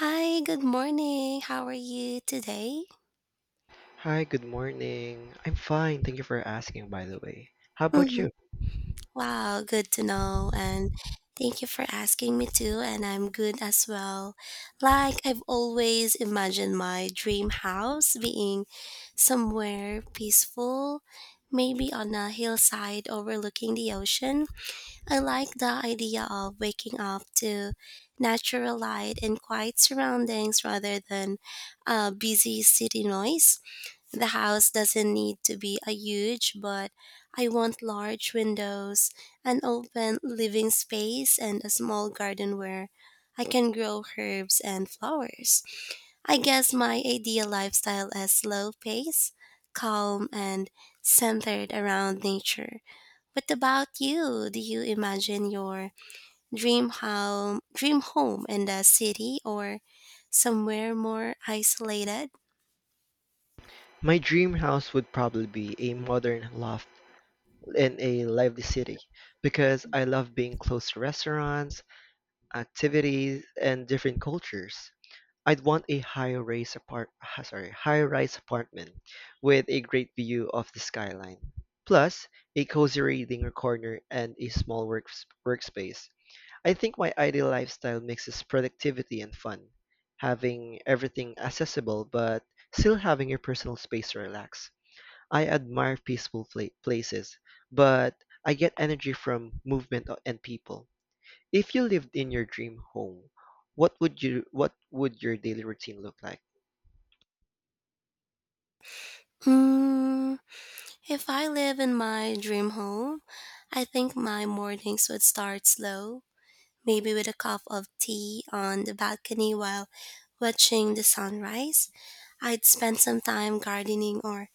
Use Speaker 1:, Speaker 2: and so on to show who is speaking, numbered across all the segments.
Speaker 1: Hi, good morning. How are you today?
Speaker 2: Hi, good morning. I'm fine. Thank you for asking, by the way. How about
Speaker 1: hmm
Speaker 2: you?
Speaker 1: Wow, good to know. And Thank you for asking me too. And I'm good as well. Like, I've always imagined my dream house being somewhere peaceful, maybe on a hillside overlooking the ocean. I like the idea of waking up to natural light and quiet surroundings rather than busy city noise. The house doesn't need to be a huge, but I want large windows, an open living space, and a small garden where I can grow herbs and flowers. I guess my ideal lifestyle is slow pace, calm, and centered around nature. What about you? Do you imagine your dream home in the city or somewhere more isolated?
Speaker 2: My dream house would probably be a modern loft in a lively city because I love being close to restaurants, activities, and different cultures. I'd want a high-rise apartment with a great view of the skyline. Plus, a cozy reading corner and a small workspace. I think my ideal lifestyle mixes productivity and fun, having everything accessible but still having your personal space to relax. I admire places, but I get energy from movement and people. If you lived in your dream home, what would your daily routine look like?
Speaker 1: Hmm. If I live in my dream home, I think my mornings would start slow, maybe with a cup of tea on the balcony while watching the sunrise. I'd spend some time gardening or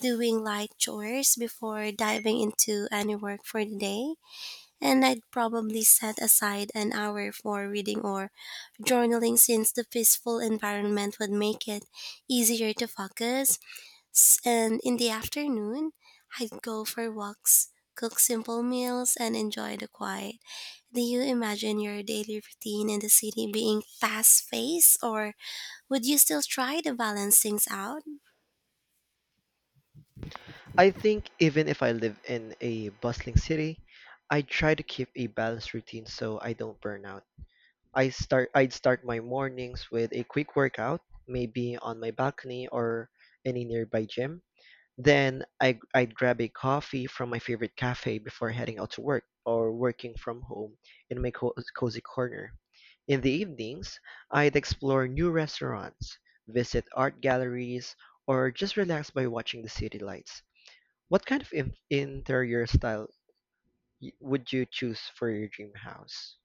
Speaker 1: doing light chores before diving into any work for the day, and I'd probably set aside an hour for reading or journaling since the peaceful environment would make it easier to focus. And in the afternoon, I'd go for walks, cook simple meals, and enjoy the quiet. Do you imagine your daily routine in the city being fast paced, or would you still try to balance things out?
Speaker 2: I think even if I live in a bustling city, I try to keep a balanced routine so I don't burn out. I'd start my mornings with a quick workout, maybe on my balcony or any nearby gym. Then I'd grab a coffee from my favorite cafe before heading out to work or working from home in my cozy corner. In the evenings, I'd explore new restaurants, visit art galleries, or just relax by watching the city lights. What kind of interior style would you choose for your dream house?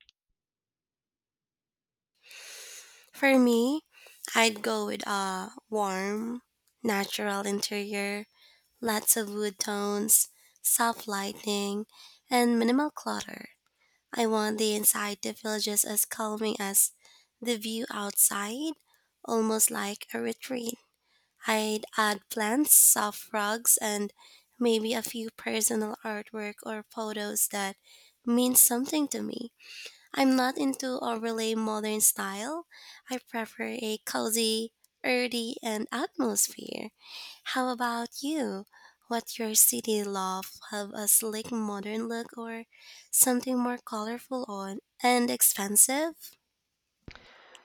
Speaker 1: For me, I'd go with a warm, natural interior, lots of wood tones, soft lighting, and minimal clutter. I want the inside the villages as calming as the view outside, almost like a retreat. I'd add plants, soft rugs, and maybe a few personal artwork or photos that mean something to me. I'm not into overly modern style. I prefer a cozy, earthy, and atmosphere. How about you? What your city love have a slick modern look or something more colorful on and expensive?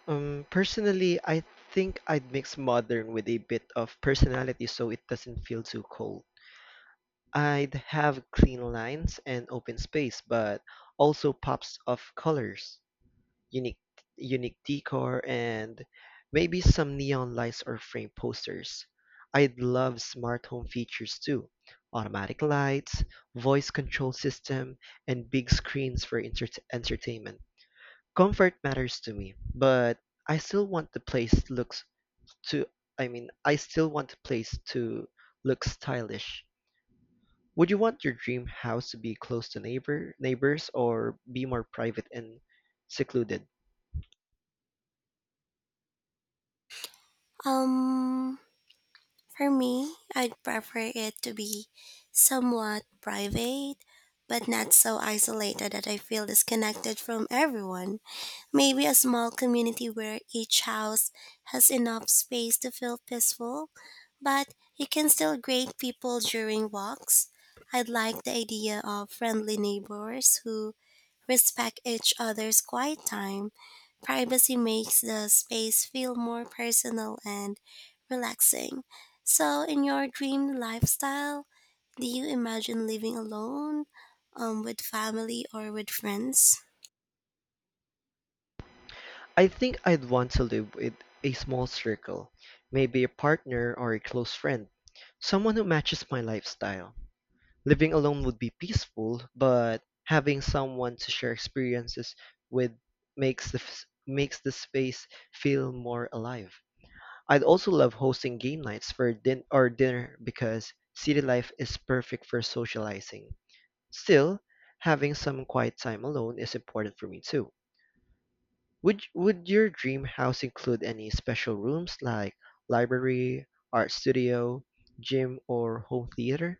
Speaker 2: Personally, I think I'd mix modern with a bit of personality so it doesn't feel too cold. I'd have clean lines and open space, but also pops of colors, unique unique decor, and maybe some neon lights or frame posters. I'd love smart home features too. Automatic lights, voice control system, and big screens for entertainment. Comfort matters to me, but I still want the place looks to I mean, I still want the place to look stylish. Would you want your dream house to be close to neighbors or be more private and secluded?
Speaker 1: Um For me, I'd prefer it to be somewhat private, but not so isolated that I feel disconnected from everyone. Maybe a small community where each house has enough space to feel peaceful, but you can still greet people during walks. I'd like the idea of friendly neighbors who respect each other's quiet time. Privacy makes the space feel more personal and relaxing. So, in your dream lifestyle, do you imagine living alone, with family, or with friends?
Speaker 2: I think I'd want to live with a small circle, maybe a partner or a close friend, someone who matches my lifestyle. Living alone would be peaceful, but having someone to share experiences with makes the space feel more alive. I'd also love hosting game nights for or dinner because city life is perfect for socializing. Still, having some quiet time alone is important for me too. Would your dream house include any special rooms like library, art studio, gym, or home theater?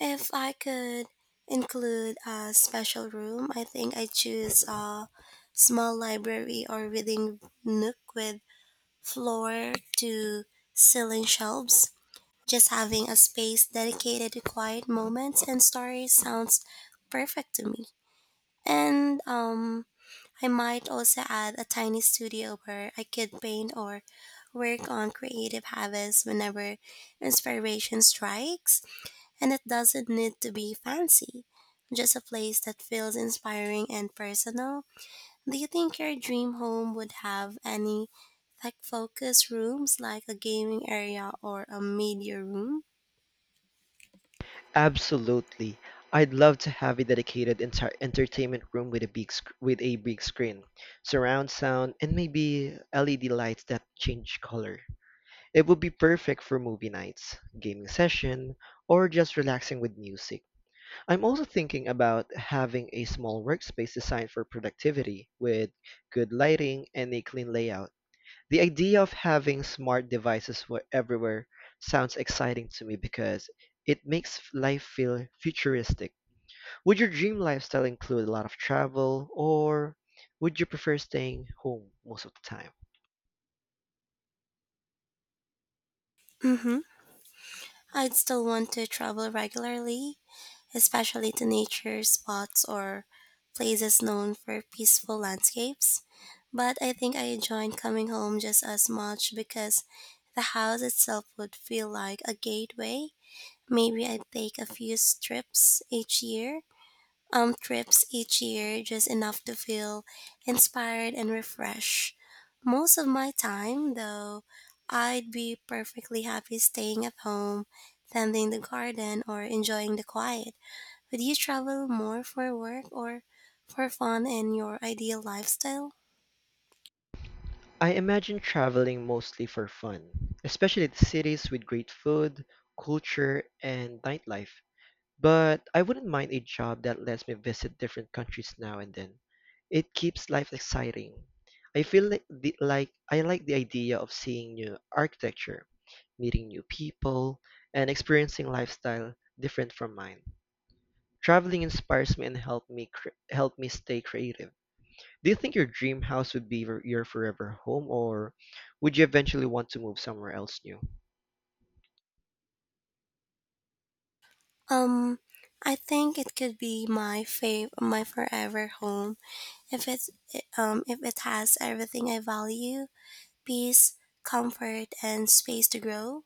Speaker 1: If I could include a special room, I think I choose a small library or reading nook with floor to ceiling shelves. Just having a space dedicated to quiet moments and stories sounds perfect to me. And I might also add a tiny studio where I could paint or work on creative habits whenever inspiration strikes, and it doesn't need to be fancy. Just a place that feels inspiring and personal. Do you think your dream home would have any tech focused rooms like a gaming area or a media room?
Speaker 2: Absolutely. I'd love to have a dedicated entire entertainment room with a big screen, surround sound, and maybe LED lights that change color. It would be perfect for movie nights, gaming session, or just relaxing with music. I'm also thinking about having a small workspace designed for productivity with good lighting and a clean layout. The idea of having smart devices were everywhere sounds exciting to me because life feel futuristic. Would your dream lifestyle include a lot of travel, or would you prefer staying home most of the time?
Speaker 1: Mm-hmm. I'd still want to travel regularly, especially to nature spots or places known for peaceful landscapes. But I think I enjoyed coming home just as much because the house itself would feel like a gateway. Maybe I'd take a few trips each year, trips each year, just enough to feel inspired and refreshed. Most of my time, though, I'd be perfectly happy staying at home, tending the garden, or enjoying the quiet. Would you travel more for work or for fun in your ideal lifestyle?
Speaker 2: I imagine traveling mostly for fun, especially the cities with great food, culture, and nightlife. But I wouldn't mind a job that lets me visit different countries now and then. It keeps life exciting. I like the idea of seeing new architecture, meeting new people, and experiencing lifestyle different from mine. Traveling inspires me and help me stay creative. Do you think your dream house would be your forever home, or would you eventually want to move somewhere else new?
Speaker 1: Um, I think it could be my forever home if it's if it has everything I value, peace, comfort, and space to grow.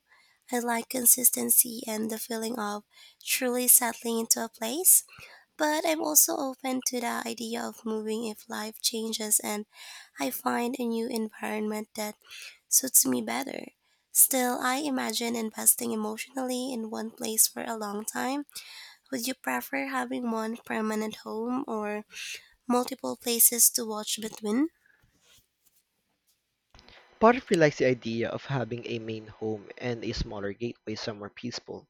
Speaker 1: I like consistency and the feeling of truly settling into a place, but I'm also open to the idea of moving if life changes and I find a new environment that suits me better. Still, I imagine investing emotionally in one place for a long time. Would you prefer having one permanent home or multiple places to watch between?
Speaker 2: Part of me likes the idea of having a main home and a smaller gateway somewhere peaceful.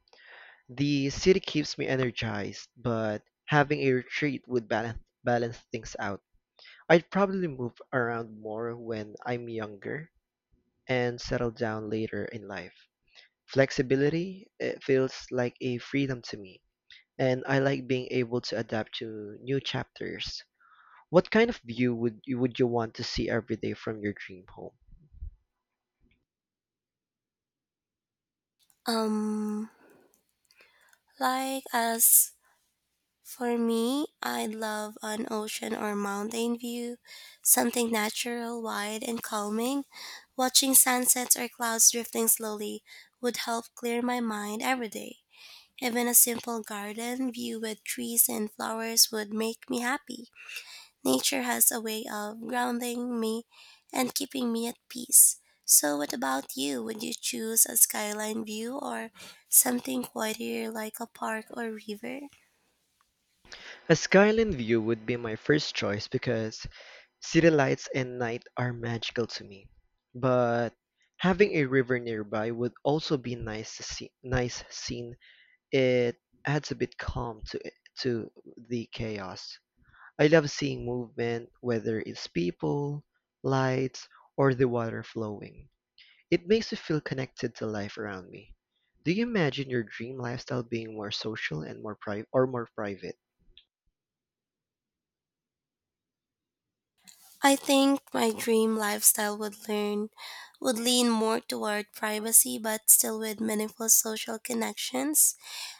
Speaker 2: The city keeps me energized, but having a retreat would balance things out. I'd probably move around more when I'm younger and settle down later in life. Flexibility, it feels like a freedom to me, and I like being able to adapt to new chapters. What kind of view would you want to see every day from your dream home?
Speaker 1: Um, like as for me, I love an ocean or mountain view, something natural, wide, and calming. Watching sunsets or clouds drifting slowly would help clear my mind every day. Even a simple garden view with trees and flowers would make me happy. Nature has a way of grounding me and keeping me at peace. So, what about you? Would you choose a skyline view or something quieter like a park or river?
Speaker 2: A skyline view would be my first choice because city lights and night are magical to me, but having a river nearby would also be nice to see, nice scene. It adds a bit calm to it, to the chaos. I love seeing movement, whether it's people, lights, or the water flowing. It makes me feel connected to life around me. Do you imagine your dream lifestyle being more social and more pri- or more private?
Speaker 1: I think my dream lifestyle would lean more toward privacy but still with meaningful social connections.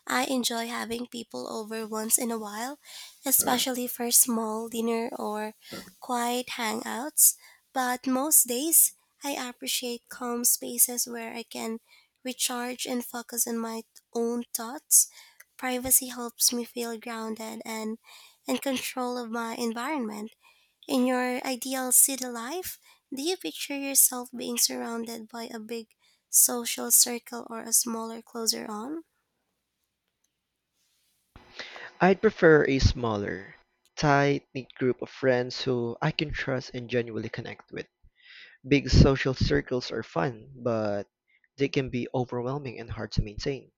Speaker 1: I enjoy having people over once in a while, especially for small dinner or quiet hangouts, but most days I appreciate calm spaces where I can recharge and focus on my own thoughts. Privacy helps me feel grounded and in control of my environment. In your ideal city life, do you picture yourself being surrounded by a big social circle or a smaller closer on?
Speaker 2: I'd prefer a smaller, tight knit group of friends who I can trust and genuinely connect with. Big social circles are fun, but they can be overwhelming and hard to maintain.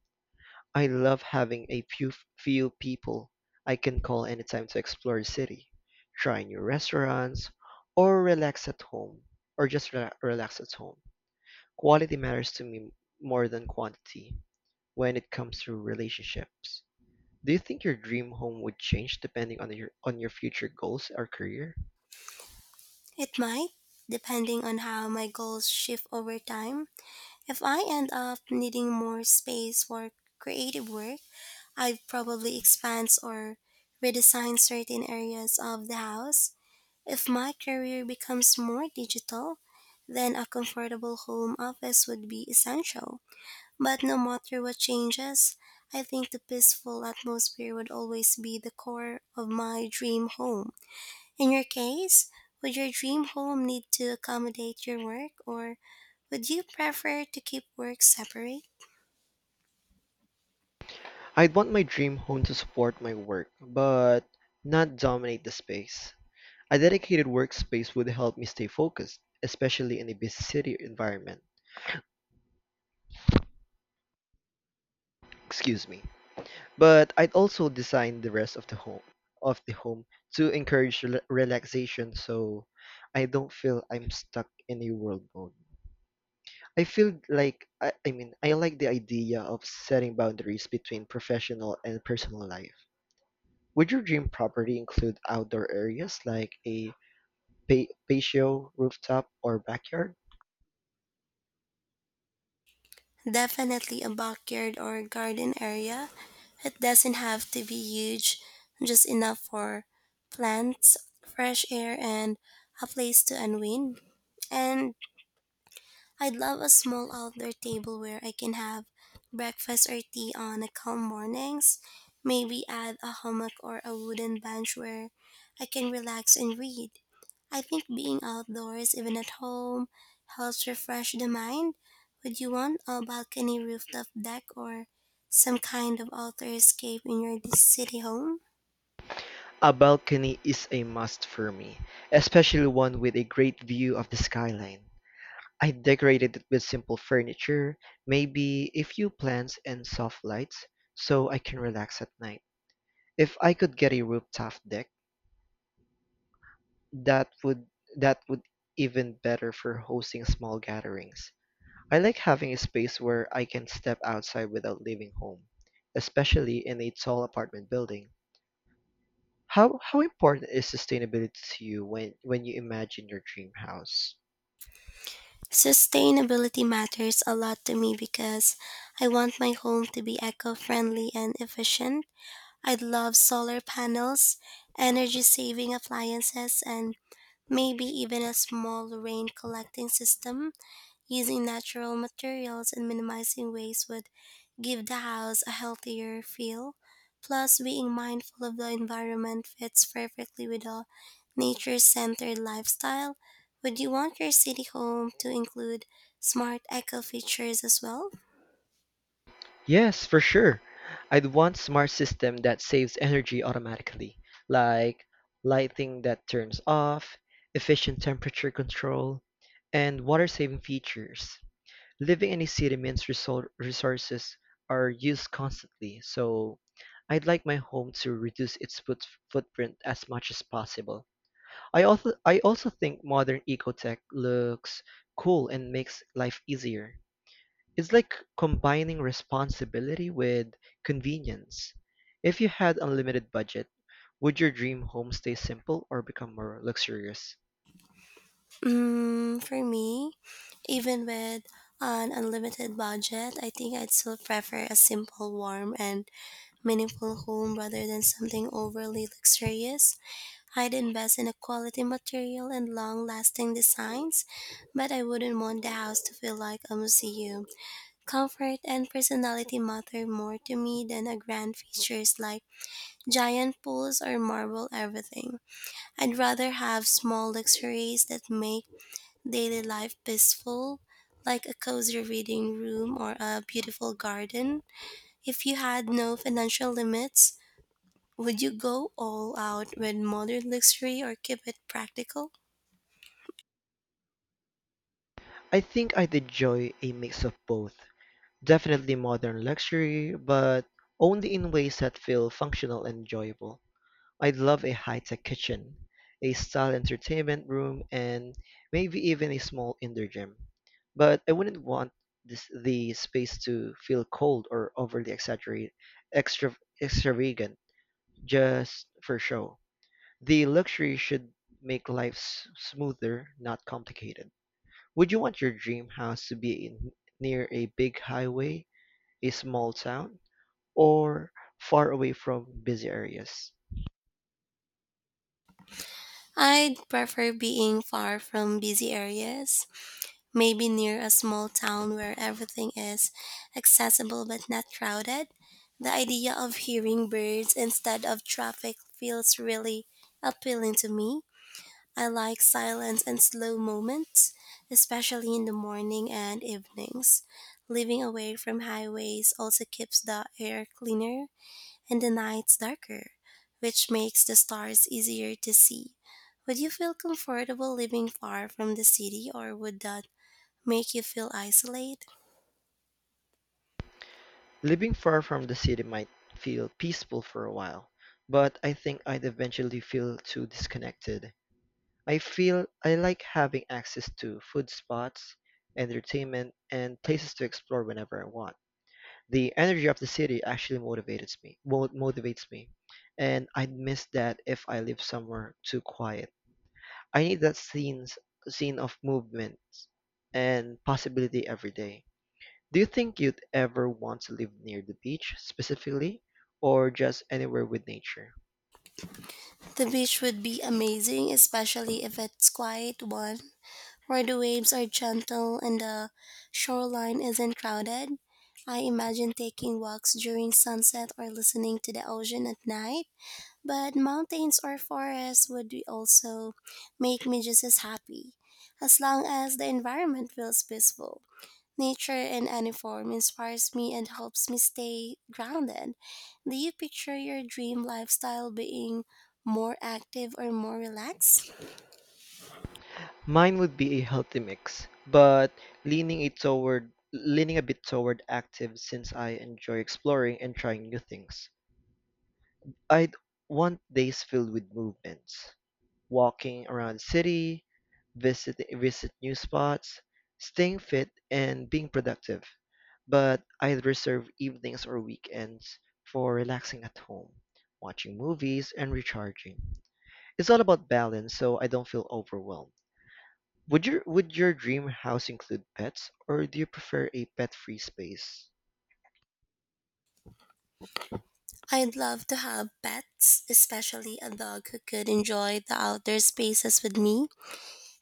Speaker 2: I love having few people I can call anytime to explore the city, try new restaurants, or relax at home, or just relax at home. Quality matters to me more than quantity when it comes to relationships. Do you think your dream home would change depending on your future goals or career?
Speaker 1: It might, depending on how my goals shift over time. If I end up needing more space for creative work, I'd probably expand or redesign certain areas of the house. If my career becomes more digital, then a comfortable home office would be essential. But no matter what changes, I think the peaceful atmosphere would always be the core of my dream home. In your case, would your dream home need to accommodate your work or would you prefer to keep work separate?
Speaker 2: I'd want my dream home to support my work, but not dominate the space. A dedicated workspace would help me stay focused, especially in a busy city environment. Excuse me. But I'd also design the rest of the home to encourage relaxation so I don't feel I'm stuck in a world mode. I mean, I like the idea of setting boundaries between professional and personal life. Would your dream property include outdoor areas like a patio, rooftop, or backyard?
Speaker 1: Definitely a backyard or garden area. It doesn't have to be huge, just enough for plants, fresh air, and a place to unwind. And I'd love a small outdoor table where I can have breakfast or tea on a calm mornings. Maybe add a hammock or a wooden bench where I can relax and read. I think being outdoors, even at home, helps refresh the mind. Would you want a balcony rooftop deck or some kind of outdoor escape in your city home?
Speaker 2: A balcony is a must for me, especially one with a great view of the skyline. I decorated it with simple furniture, maybe a few plants and soft lights, so I can relax at night. If I could get a rooftop deck, That would that would even better for hosting small gatherings. I like having a space where I can step outside without leaving home, especially in a tall apartment building. How important is sustainability to you when you imagine your dream house?
Speaker 1: Sustainability matters a lot to me because I want my home to be eco friendly and efficient. I would love solar panels, energy saving appliances, and maybe even a small rain collecting system using natural materials and minimizing waste would give the house a healthier feel. Plus, being mindful of the environment fits perfectly with a nature centered lifestyle. Would you want your city home to include smart eco features as well?
Speaker 2: Yes, for sure. I'd want smart system that saves energy automatically, like lighting that turns off, efficient temperature control, and water saving features. Living in a city means resources are used constantly, so I'd like my home to reduce its footprint as much as possible. I also think modern ecotech looks cool and makes life easier. It's like combining responsibility with convenience. If you had unlimited budget, would your dream home stay simple or become more luxurious?
Speaker 1: Mm, for me, even with an unlimited budget, I think I'd still prefer a simple, warm, and meaningful home rather than something overly luxurious. I'd invest in a quality material and long lasting designs, but I wouldn't want the house to feel like a museum. Comfort and personality matter more to me than a grand features like giant pools or marble everything. I'd rather have small luxuries that make daily life peaceful, like a cozy reading room or a beautiful garden? If you had no financial limits, would you go all out with modern luxury or keep it practical?
Speaker 2: I think I'd enjoy a mix of both. Definitely modern luxury, but only in ways that feel functional and enjoyable. I'd love a high-tech kitchen, a style entertainment room, and maybe even a small indoor gym. But I wouldn't want the space to feel cold or overly exaggerated, extra, extravagant, just for show. The luxury should make life smoother, not complicated. Would you want your dream house to be in, near a big highway? A small town, or far away from busy areas.
Speaker 1: I'd prefer being far from busy areas, maybe near a small town where everything is accessible but not crowded. The idea of hearing birds instead of traffic feels really appealing to me. I like silence and slow moments, especially in the morning and evenings. Living away from highways also keeps the air cleaner and the nights darker, which makes the stars easier to see. Would you feel comfortable living far from the city or would that make you feel isolated?
Speaker 2: Living far from the city might feel peaceful for a while, but I think I'd eventually feel too disconnected. I feel I like having access to food spots, entertainment, and places to explore whenever I want. The energy of the city actually motivates me, and I'd miss that if I live somewhere too quiet. I need that scene of movement and possibility every day. Do you think you'd ever want to live near the beach specifically or just anywhere with nature?
Speaker 1: The beach would be amazing, especially if it's quiet one where the waves are gentle and the shoreline isn't crowded. I imagine taking walks during sunset or listening to the ocean at night, but mountains or forests would be also make me just as happy, as long as the environment feels peaceful. Nature in any form inspires me and helps me stay grounded. Do you picture your dream lifestyle being more active or more relaxed?
Speaker 2: Mine would be a healthy mix, but leaning a bit toward active since I enjoy exploring and trying new things. I'd want days filled with movements, walking around the city, visit new spots, staying fit and being productive. But I'd reserve evenings or weekends for relaxing at home, watching movies and recharging. It's all about balance, so I don't feel overwhelmed. Would your dream house include pets, or do you prefer a pet-free space?
Speaker 1: I'd love to have pets, especially a dog who could enjoy the outdoor spaces with me.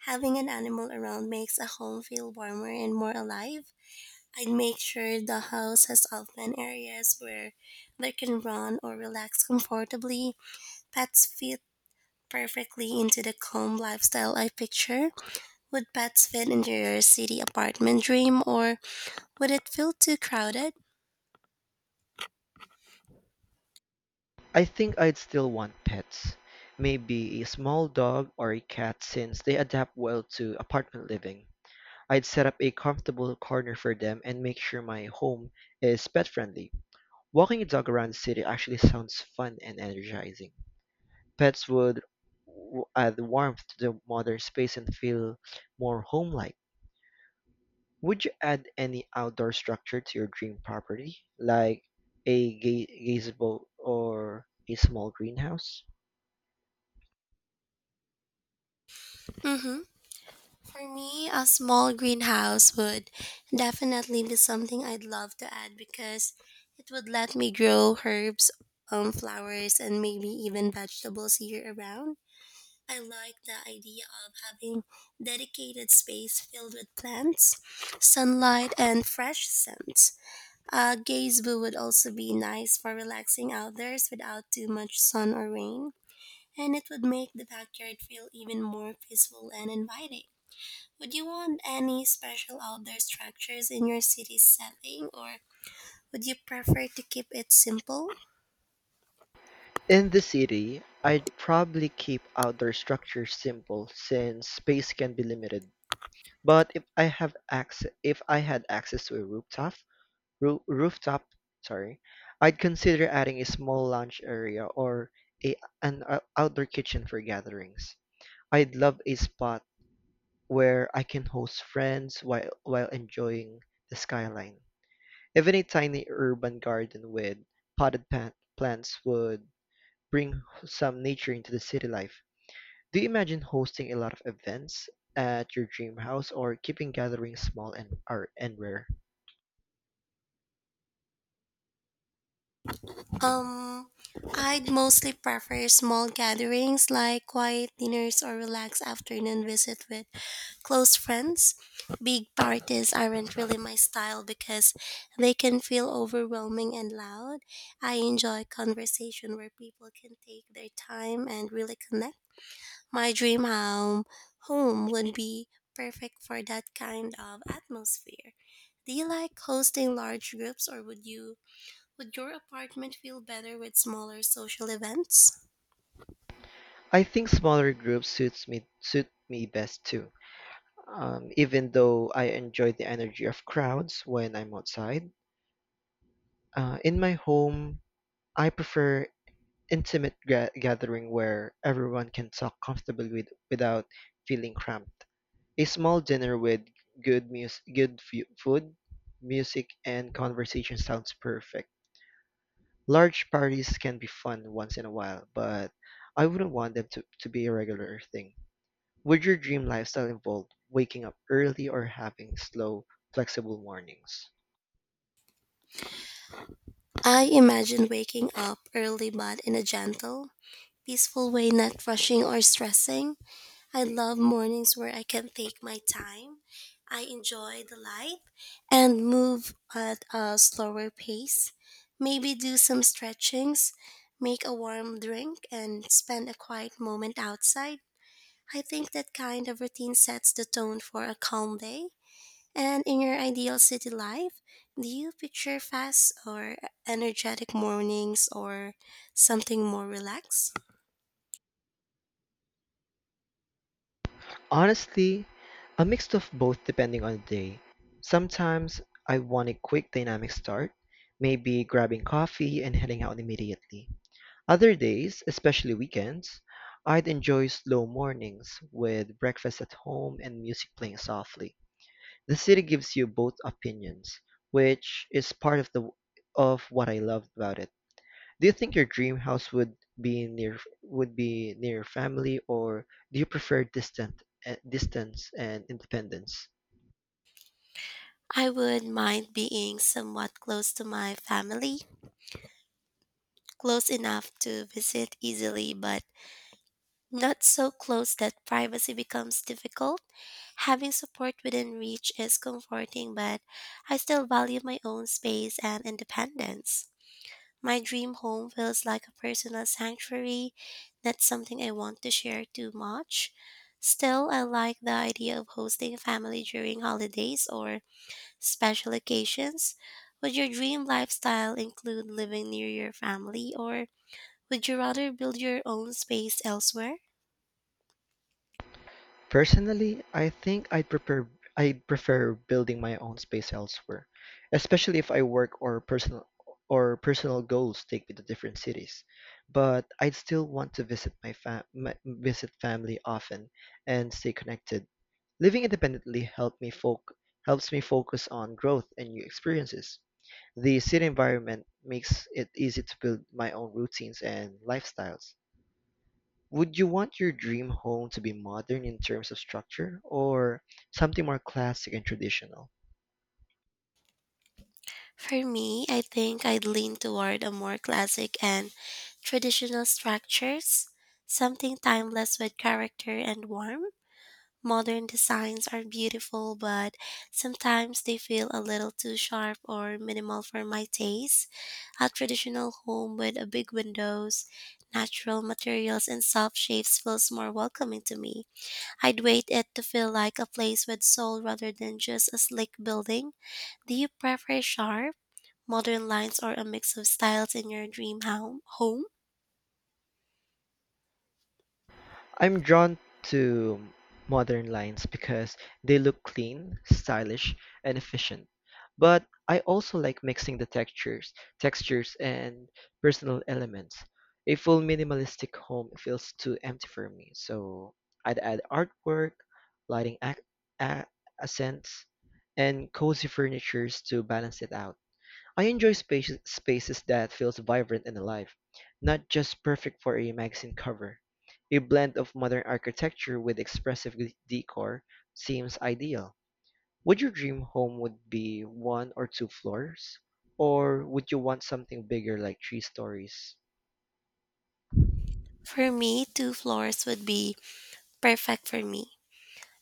Speaker 1: Having an animal around makes a home feel warmer and more alive. I'd make sure the house has open areas where they can run or relax comfortably. Pets fit perfectly into the calm lifestyle I picture. Would pets fit into your city apartment dream or would it feel too crowded?
Speaker 2: I think I'd still want pets. Maybe a small dog or a cat since they adapt well to apartment living. I'd set up a comfortable corner for them and make sure my home is pet friendly. Walking a dog around the city actually sounds fun and energizing. Pets would add warmth to the modern space and feel more home-like. Would you add any outdoor structure to your dream property, like a gazebo or a small greenhouse?
Speaker 1: Mm-hmm. For me, a small greenhouse would definitely be something I'd love to add because it would let me grow herbs, flowers, and maybe even vegetables year around. I like the idea of having dedicated space filled with plants, sunlight, and fresh scents. A gazebo would also be nice for relaxing outdoors without too much sun or rain, and it would make the backyard feel even more peaceful and inviting. Would you want any special outdoor structures in your city setting or would you prefer to keep it simple?
Speaker 2: In the city, I'd probably keep outdoor structures simple since space can be limited. But if I had access to a rooftop, roo- rooftop, sorry, I'd consider adding a small lounge area or a an ou- outdoor kitchen for gatherings. I'd love a spot where I can host friends while enjoying the skyline. Even a tiny urban garden with potted plant plants would bring some nature into the city life. Do you imagine hosting a lot of events at your dream house or keeping gatherings small and rare?
Speaker 1: Um, I'd mostly prefer small gatherings like quiet dinners or relaxed afternoon visit with close friends. Big parties aren't really my style because they can feel overwhelming and loud. I enjoy conversation where people can take their time and really connect. My home would be perfect for that kind of atmosphere. Do you like hosting large groups or would your apartment feel better with smaller social events?
Speaker 2: I think smaller groups suit me best too. Even though I enjoy the energy of crowds when I'm outside, in my home I prefer intimate gathering where everyone can talk comfortably without feeling cramped. A small dinner with good mus- good fu- food, music, and conversation sounds perfect. Large parties can be fun once in a while, but I wouldn't want them to be a regular thing. Would your dream lifestyle involve waking up early or having slow, flexible mornings?
Speaker 1: I imagine waking up early but in a gentle, peaceful way, not rushing or stressing. I love mornings where I can take my time. I enjoy the light and move at a slower pace. Maybe do some stretchings, make a warm drink, and spend a quiet moment outside. I think that kind of routine sets the tone for a calm day. And in your ideal city life, do you picture fast or energetic mornings or something more relaxed?
Speaker 2: Honestly, a mix of both depending on the day. Sometimes I want a quick dynamic start, maybe grabbing coffee and heading out immediately. Other days, especially weekends, I'd enjoy slow mornings with breakfast at home and music playing softly. The city gives you both opinions, which is part of the of what I love about it. Do you think your dream house would be near family, or do you prefer distance and independence?
Speaker 1: I would mind being somewhat close to my family, close enough to visit easily, but not so close that privacy becomes difficult. Having support within reach is comforting, but I still value my own space and independence. My dream home feels like a personal sanctuary, not something I want to share too much. Still, I like the idea of hosting family during holidays or special occasions? Would your dream lifestyle include living near your family, or would you rather build your own space elsewhere?
Speaker 2: Personally, I'd prefer building my own space elsewhere, especially if I work or personal goals take me to different cities. But I'd still want to visit my, fa- my visit family often and stay connected. Living independently help me foc helps me focus on growth and new experiences. The city environment makes it easy to build my own routines and lifestyles. Would you want your dream home to be modern in terms of structure or something more classic and traditional?
Speaker 1: For me, I think I'd lean toward a more classic and traditional structures, something timeless with character and warmth. Modern designs are beautiful, but sometimes they feel a little too sharp or minimal for my taste. A traditional home with a big windows, natural materials, and soft shapes feels more welcoming to me. I'd wait it to feel like a place with soul rather than just a slick building. Do you prefer sharp, modern lines or a mix of styles in your dream home?
Speaker 2: I'm drawn to modern lines because they look clean, stylish, and efficient. But I also like mixing textures and personal elements. A full minimalistic home feels too empty for me, so I'd add artwork, lighting ac- a- accents, and cozy furnitures to balance it out. I enjoy spaces that feels vibrant and alive, not just perfect for a magazine cover. A blend of modern architecture with expressive decor seems ideal. Would your dream home would be one or two floors, or would you want something bigger like three stories?
Speaker 1: For me, two floors would be perfect for me.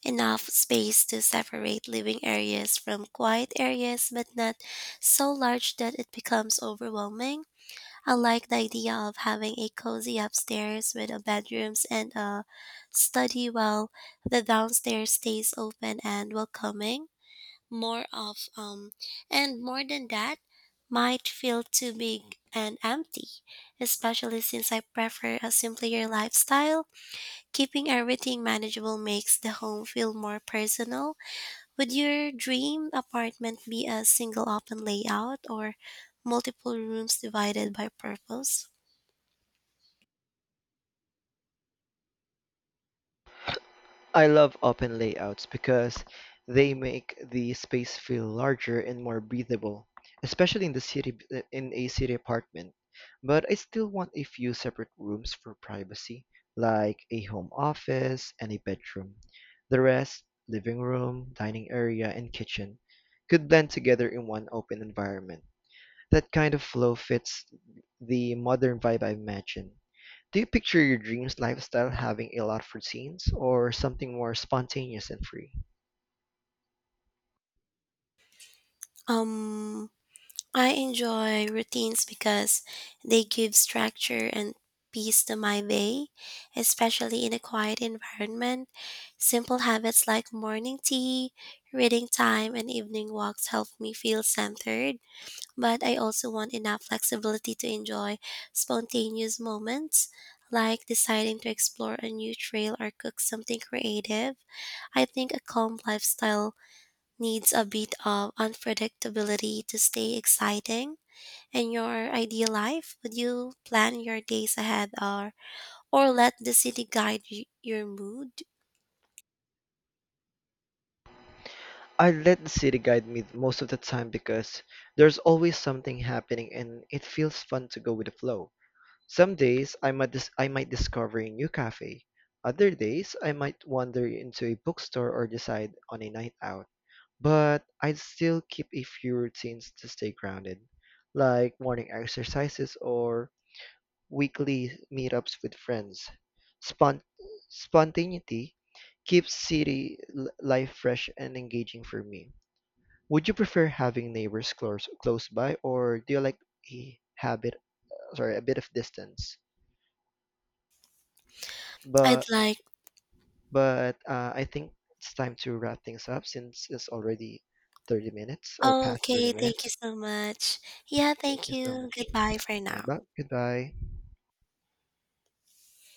Speaker 1: Enough space to separate living areas from quiet areas, but not so large that it becomes overwhelming. I like the idea of having a cozy upstairs with a bedrooms and a study while the downstairs stays open and welcoming. More of and more than that might feel too big and empty, especially since I prefer a simpler lifestyle. Keeping everything manageable makes the home feel more personal. Would your dream apartment be a single open layout or multiple rooms divided by purpose?
Speaker 2: I love open layouts because they make the space feel larger and more breathable, especially in a city apartment. But I still want a few separate rooms for privacy, like a home office and a bedroom. The rest, living room, dining area, and kitchen, could blend together in one open environment. That kind of flow fits the modern vibe I imagine. Do you picture your dreams lifestyle having a lot of routines or something more spontaneous and free?
Speaker 1: Um, I enjoy routines because they give structure and peace to my day, especially in a quiet environment. Simple habits like morning tea, reading time, and evening walks help me feel centered. But I also want enough flexibility to enjoy spontaneous moments, like deciding to explore a new trail or cook something creative. I think a calm lifestyle needs a bit of unpredictability to stay exciting. In your ideal life, would you plan your days ahead or let the city guide your mood?
Speaker 2: I let the city guide me most of the time because there's always something happening and it feels fun to go with the flow. Some days I might discover a new cafe. Other days I might wander into a bookstore or decide on a night out. But I'd still keep a few routines to stay grounded, like morning exercises or weekly meetups with friends. Spont- spontaneity keeps life fresh and engaging for me. Would you prefer having neighbors close by, or do you like a habit, a bit of distance?
Speaker 1: I'd
Speaker 2: But
Speaker 1: like.
Speaker 2: but I think it's time to wrap things up since it's already 30 minutes or
Speaker 1: Oh,
Speaker 2: past 30
Speaker 1: okay. Thank you
Speaker 2: minutes.
Speaker 1: so much. Yeah,
Speaker 2: Thank
Speaker 1: thank
Speaker 2: you so
Speaker 1: you.
Speaker 2: much.
Speaker 1: Goodbye for
Speaker 2: Bye
Speaker 1: now.
Speaker 2: bye. Goodbye.